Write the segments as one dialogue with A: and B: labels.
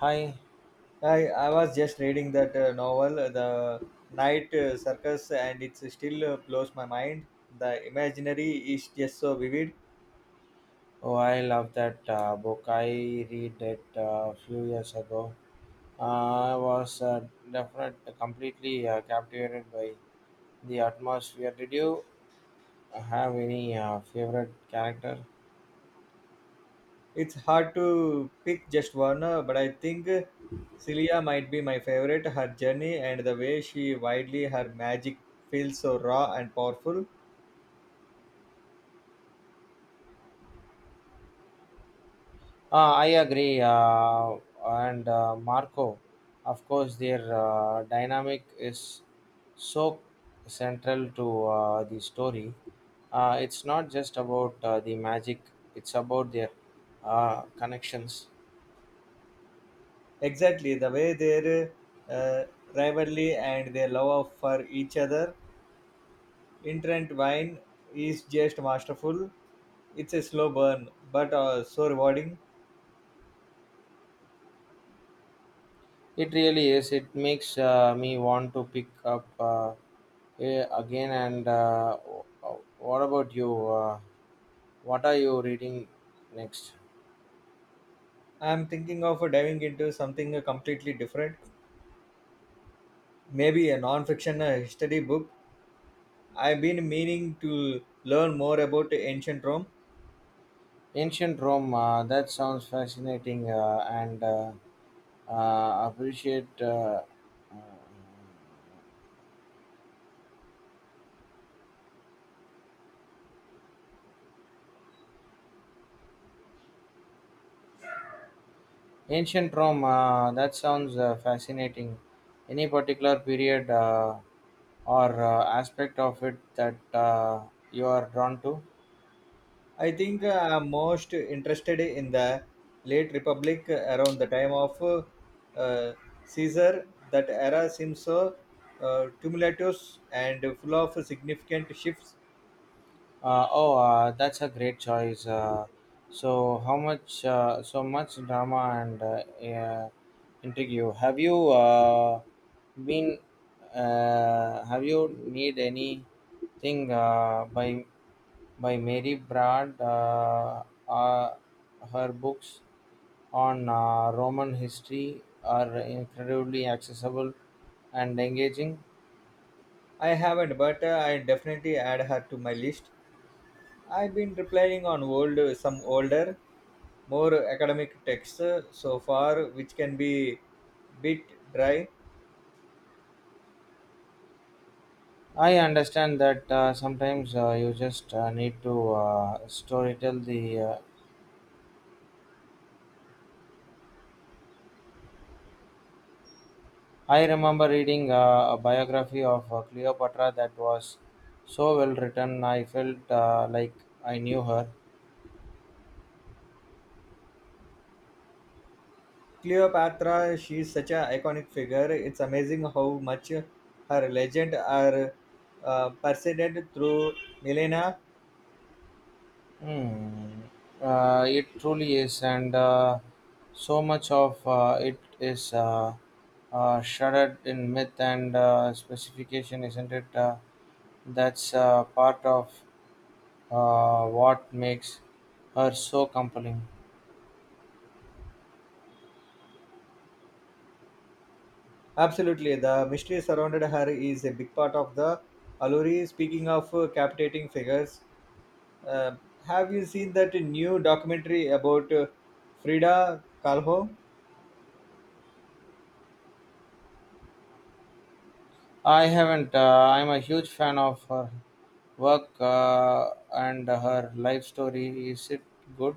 A: Hi,
B: I was just reading that novel, The Night Circus, and it still blows my mind. The imaginary is just so vivid.
A: oh, I love that book. I read it a few years ago. I was completely captivated by the atmosphere. Did you have any favorite character?
B: It's hard to pick just one, but I think Celia might be my favorite. Her journey and the way she widely her magic feels so raw and powerful.
A: I agree. And Marco, of course, their dynamic is so central to the story. It's not just about the magic; it's about their connections.
B: Exactly the way their uh, rivalry and their love of for each other intertwine is just masterful. It's a slow burn, but so rewarding.
A: It really is. It makes me want to pick up again. And what about you? What are you reading next?
B: I'm thinking of diving into something completely different, maybe a non-fiction history book. I've been meaning to learn more about ancient Rome.
A: Ancient Rome. That sounds fascinating. And appreciate uh, ancient Rome. That sounds fascinating. Any particular period or aspect of it that you are drawn to?
B: I think I'm most interested in the late Republic around the time of uh, Caesar. That era seems so tumultuous and full of significant shifts.
A: Oh, that's a great choice. So much drama and intrigue. Have you been? Have you need anything by Mary Brad? Uh, her books on Roman history are incredibly accessible and engaging.
B: I haven't, but I definitely add her to my list. I've been replying on old, some older, more academic texts so far, which can be bit dry.
A: I understand that sometimes you just need to storytell the. I remember reading a biography of Cleopatra that was so well written. I felt like I knew her.
B: Cleopatra, she's such an iconic figure. It's amazing how much her legend are perceited through millennia.
A: Hmm. It truly is, and so much of it is shrouded in myth and specification, isn't it? That's part of what makes her so compelling.
B: Absolutely, the mystery surrounded her is a big part of the allure. Speaking of captivating figures, uh, have you seen that new documentary about Frida Kahlo?
A: I haven't. I'm a huge fan of her work and her life story. Is it good?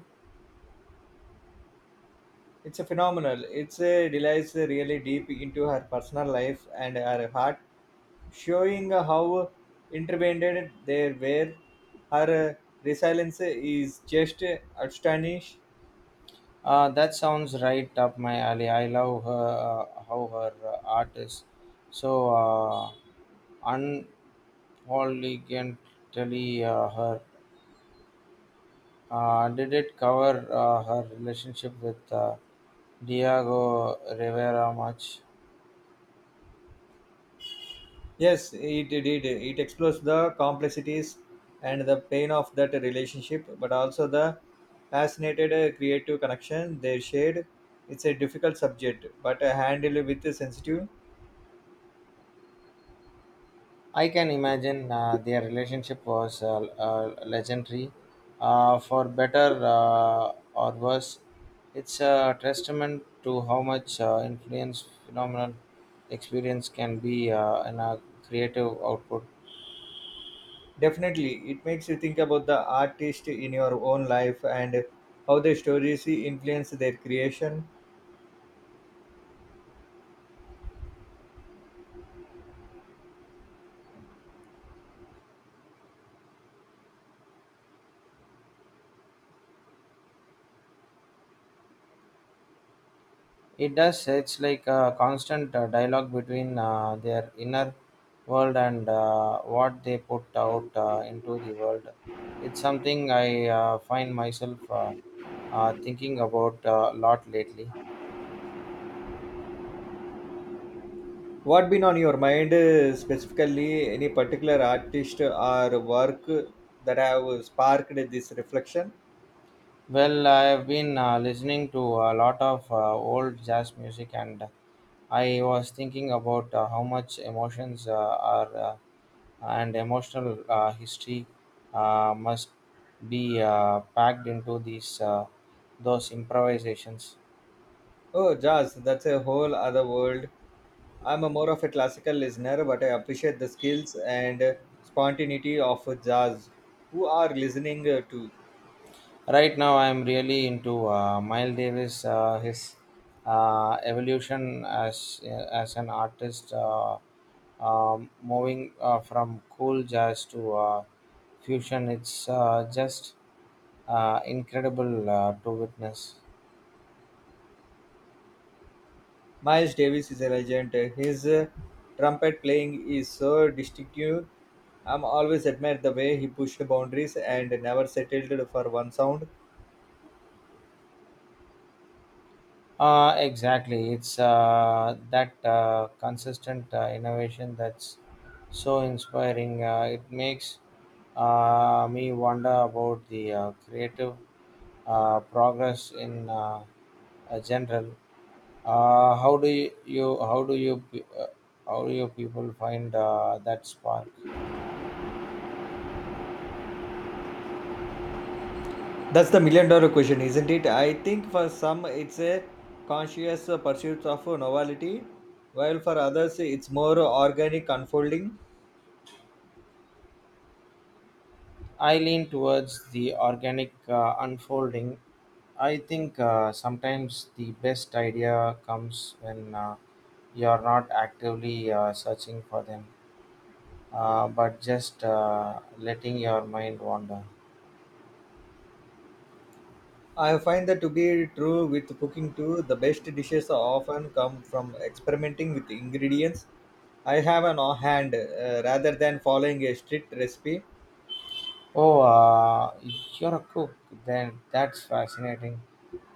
B: It's a phenomenal. It's a relies really deep into her personal life and her heart, showing how intervened they were. Her resilience is just astonishing.
A: That sounds right up my alley. I love her, how her art is so unpolygantly her. Did it cover her relationship with Diego Rivera much?
B: Yes, it did. It explores the complexities and the pain of that relationship, but also the fascinated creative connection they shared. It's a difficult subject, but handled with sensitive.
A: I can imagine their relationship was legendary, for better or worse. It's a testament to how much influence phenomenal experience can be in a creative output.
B: Definitely, it makes you think about the artist in your own life and how the stories influence their creation.
A: It does. It's like a constant dialogue between their inner world and what they put out into the world. It's something I find myself thinking about a lot lately.
B: What been on your mind specifically? Any particular artist or work that have sparked this reflection?
A: Well, I've been listening to a lot of old jazz music, and I was thinking about how much emotions are and emotional history must be packed into these those improvisations.
B: Oh, jazz, that's a whole other world. I'm a more of a classical listener, but I appreciate the skills and spontaneity of jazz. Who are listening to?
A: Right now, I'm really into Miles Davis, his evolution as an artist, moving from cool jazz to fusion. It's just incredible to witness.
B: Miles Davis is a legend. His trumpet playing is so distinctive. I'm always admired the way he pushed boundaries and never settled for one sound.
A: Exactly. It's that consistent innovation that's so inspiring. It makes me wonder about the creative progress in general. Uh, how do you, you how do you pe- uh, how do you people find that spark?
B: That's the million dollar question, isn't it? I think for some it's a conscious pursuit of novelty, while for others it's more organic unfolding.
A: I lean towards the organic unfolding. I think sometimes the best idea comes when you are not actively searching for them, but just letting your mind wander.
B: I find that to be true with cooking too. The best dishes often come from experimenting with ingredients I have an off hand rather than following a strict recipe.
A: Oh, you're a cook. Then that's fascinating.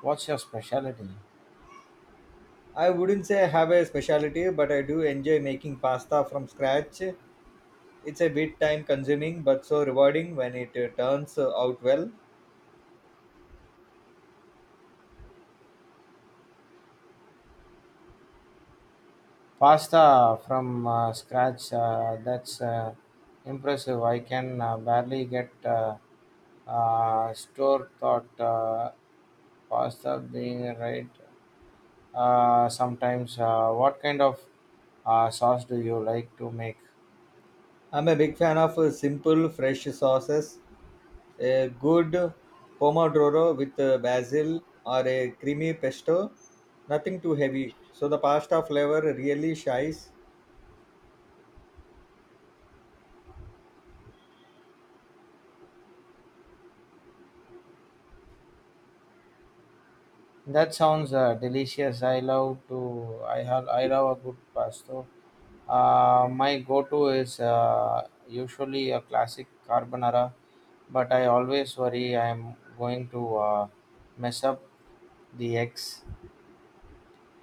A: What's your specialty?
B: I wouldn't say I have a specialty, but I do enjoy making pasta from scratch. It's a bit time consuming but so rewarding when it turns out well.
A: Pasta from scratch, that's impressive. I can barely get store thought pasta being right sometimes. What kind of sauce do you like to make?
B: I'm a big fan of simple, fresh sauces. A good pomodoro with basil or a creamy pesto. Nothing too heavy. So the pasta flavor really shines.
A: That sounds delicious. I love to. I have. I love a good pasta. My go-to is usually a classic carbonara, but I always worry I'm going to mess up the eggs.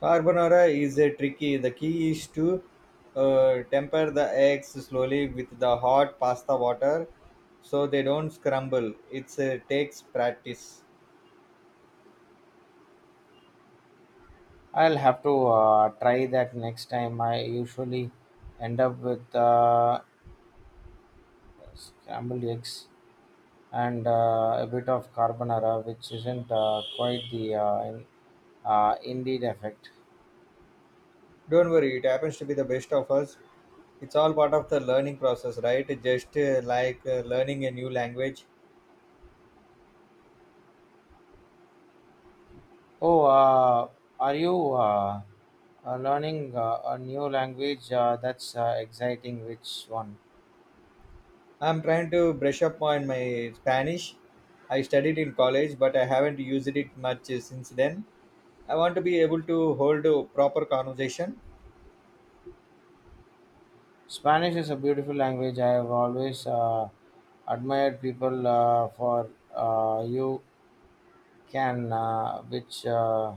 B: Carbonara is a tricky. The key is to temper the eggs slowly with the hot pasta water so they don't scramble. It takes practice.
A: I'll have to try that next time. I usually end up with scrambled eggs and a bit of carbonara, which isn't quite the indeed effect.
B: Don't worry, it happens to be the best of us. It's all part of the learning process, right? Just like learning a new language.
A: Oh, are you learning a new language? That's exciting. Which one?
B: I'm trying to brush up on my Spanish. I studied in college, but I haven't used it much since then. I want to be able to hold a proper conversation.
A: Spanish is a beautiful language. I have always admired people for you can, which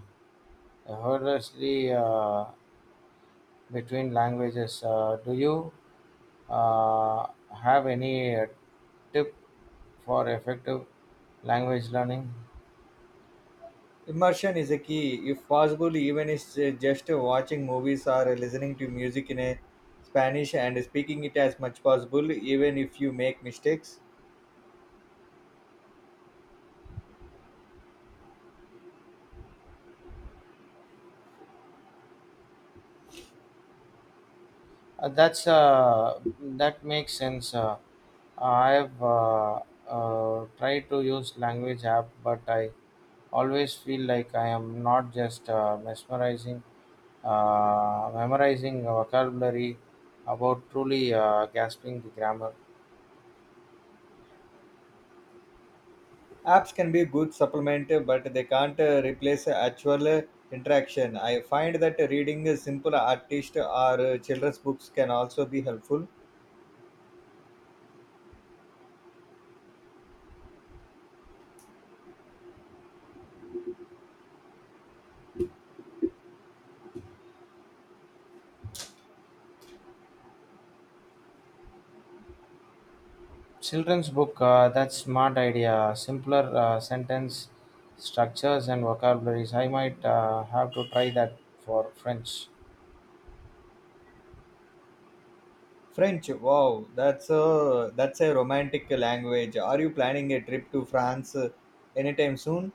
A: hurriedly between languages. Do you uh, have any tip for effective language learning?
B: Immersion is a key, if possible, even if it's just watching movies or listening to music in a Spanish and speaking it as much possible, even if you make mistakes.
A: That makes sense. I've tried to use language app, but I always feel like I am not just memorizing vocabulary about truly grasping the grammar.
B: Apps can be good supplement, but they can't replace actual interaction. I find that reading simple artist or children's books can also be helpful.
A: Children's book. That's smart idea. Simpler sentence structures and vocabularies. I might have to try that for French.
B: French, wow, that's a romantic language. Are you planning a trip to France anytime soon?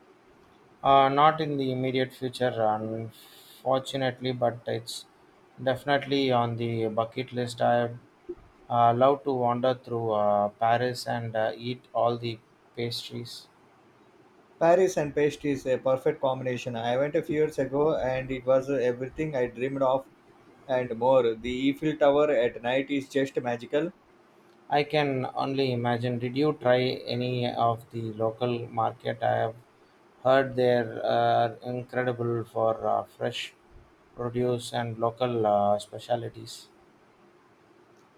A: Not in the immediate future, unfortunately, but it's definitely on the bucket list. I love to wander through Paris and eat all the pastries.
B: Paris and pastry is a perfect combination. I went a few years ago, and it was everything I dreamed of and more. The Eiffel Tower at night is just magical.
A: I can only imagine. Did you try any of the local market? I have heard they're incredible for fresh produce and local specialties.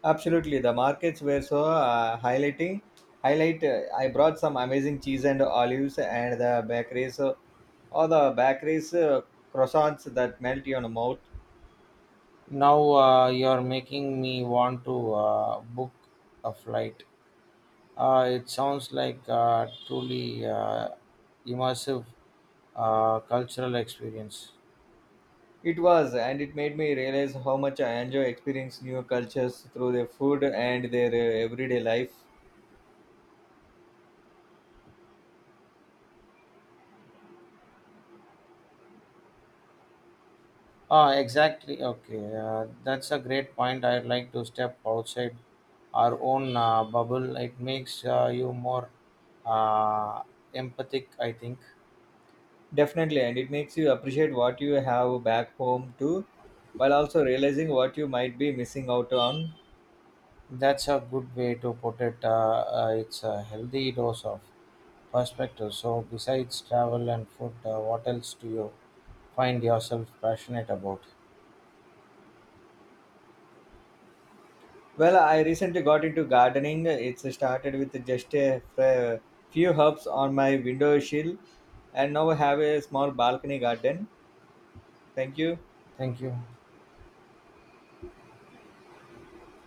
B: Absolutely, the markets were so highlighting. Highlight. I brought some amazing cheese and olives, and the bakeries, all the bakeries croissants that melt your mouth.
A: Now you're making me want to book a flight. It sounds like a truly immersive cultural experience.
B: It was, and it made me realize how much I enjoy experiencing new cultures through their food and their everyday life.
A: Ah, exactly. Okay, that's a great point. I'd like to step outside our own bubble. It makes you more uh, empathic, I think.
B: Definitely, and it makes you appreciate what you have back home too, while also realizing what you might be missing out on.
A: That's a good way to put it. It's a healthy dose of perspective. So, besides travel and food, what else do you find yourself passionate about?
B: Well, I recently got into gardening. It's started with just a f- few herbs on my window sill and now I have a small balcony garden. Thank you.
A: Thank you.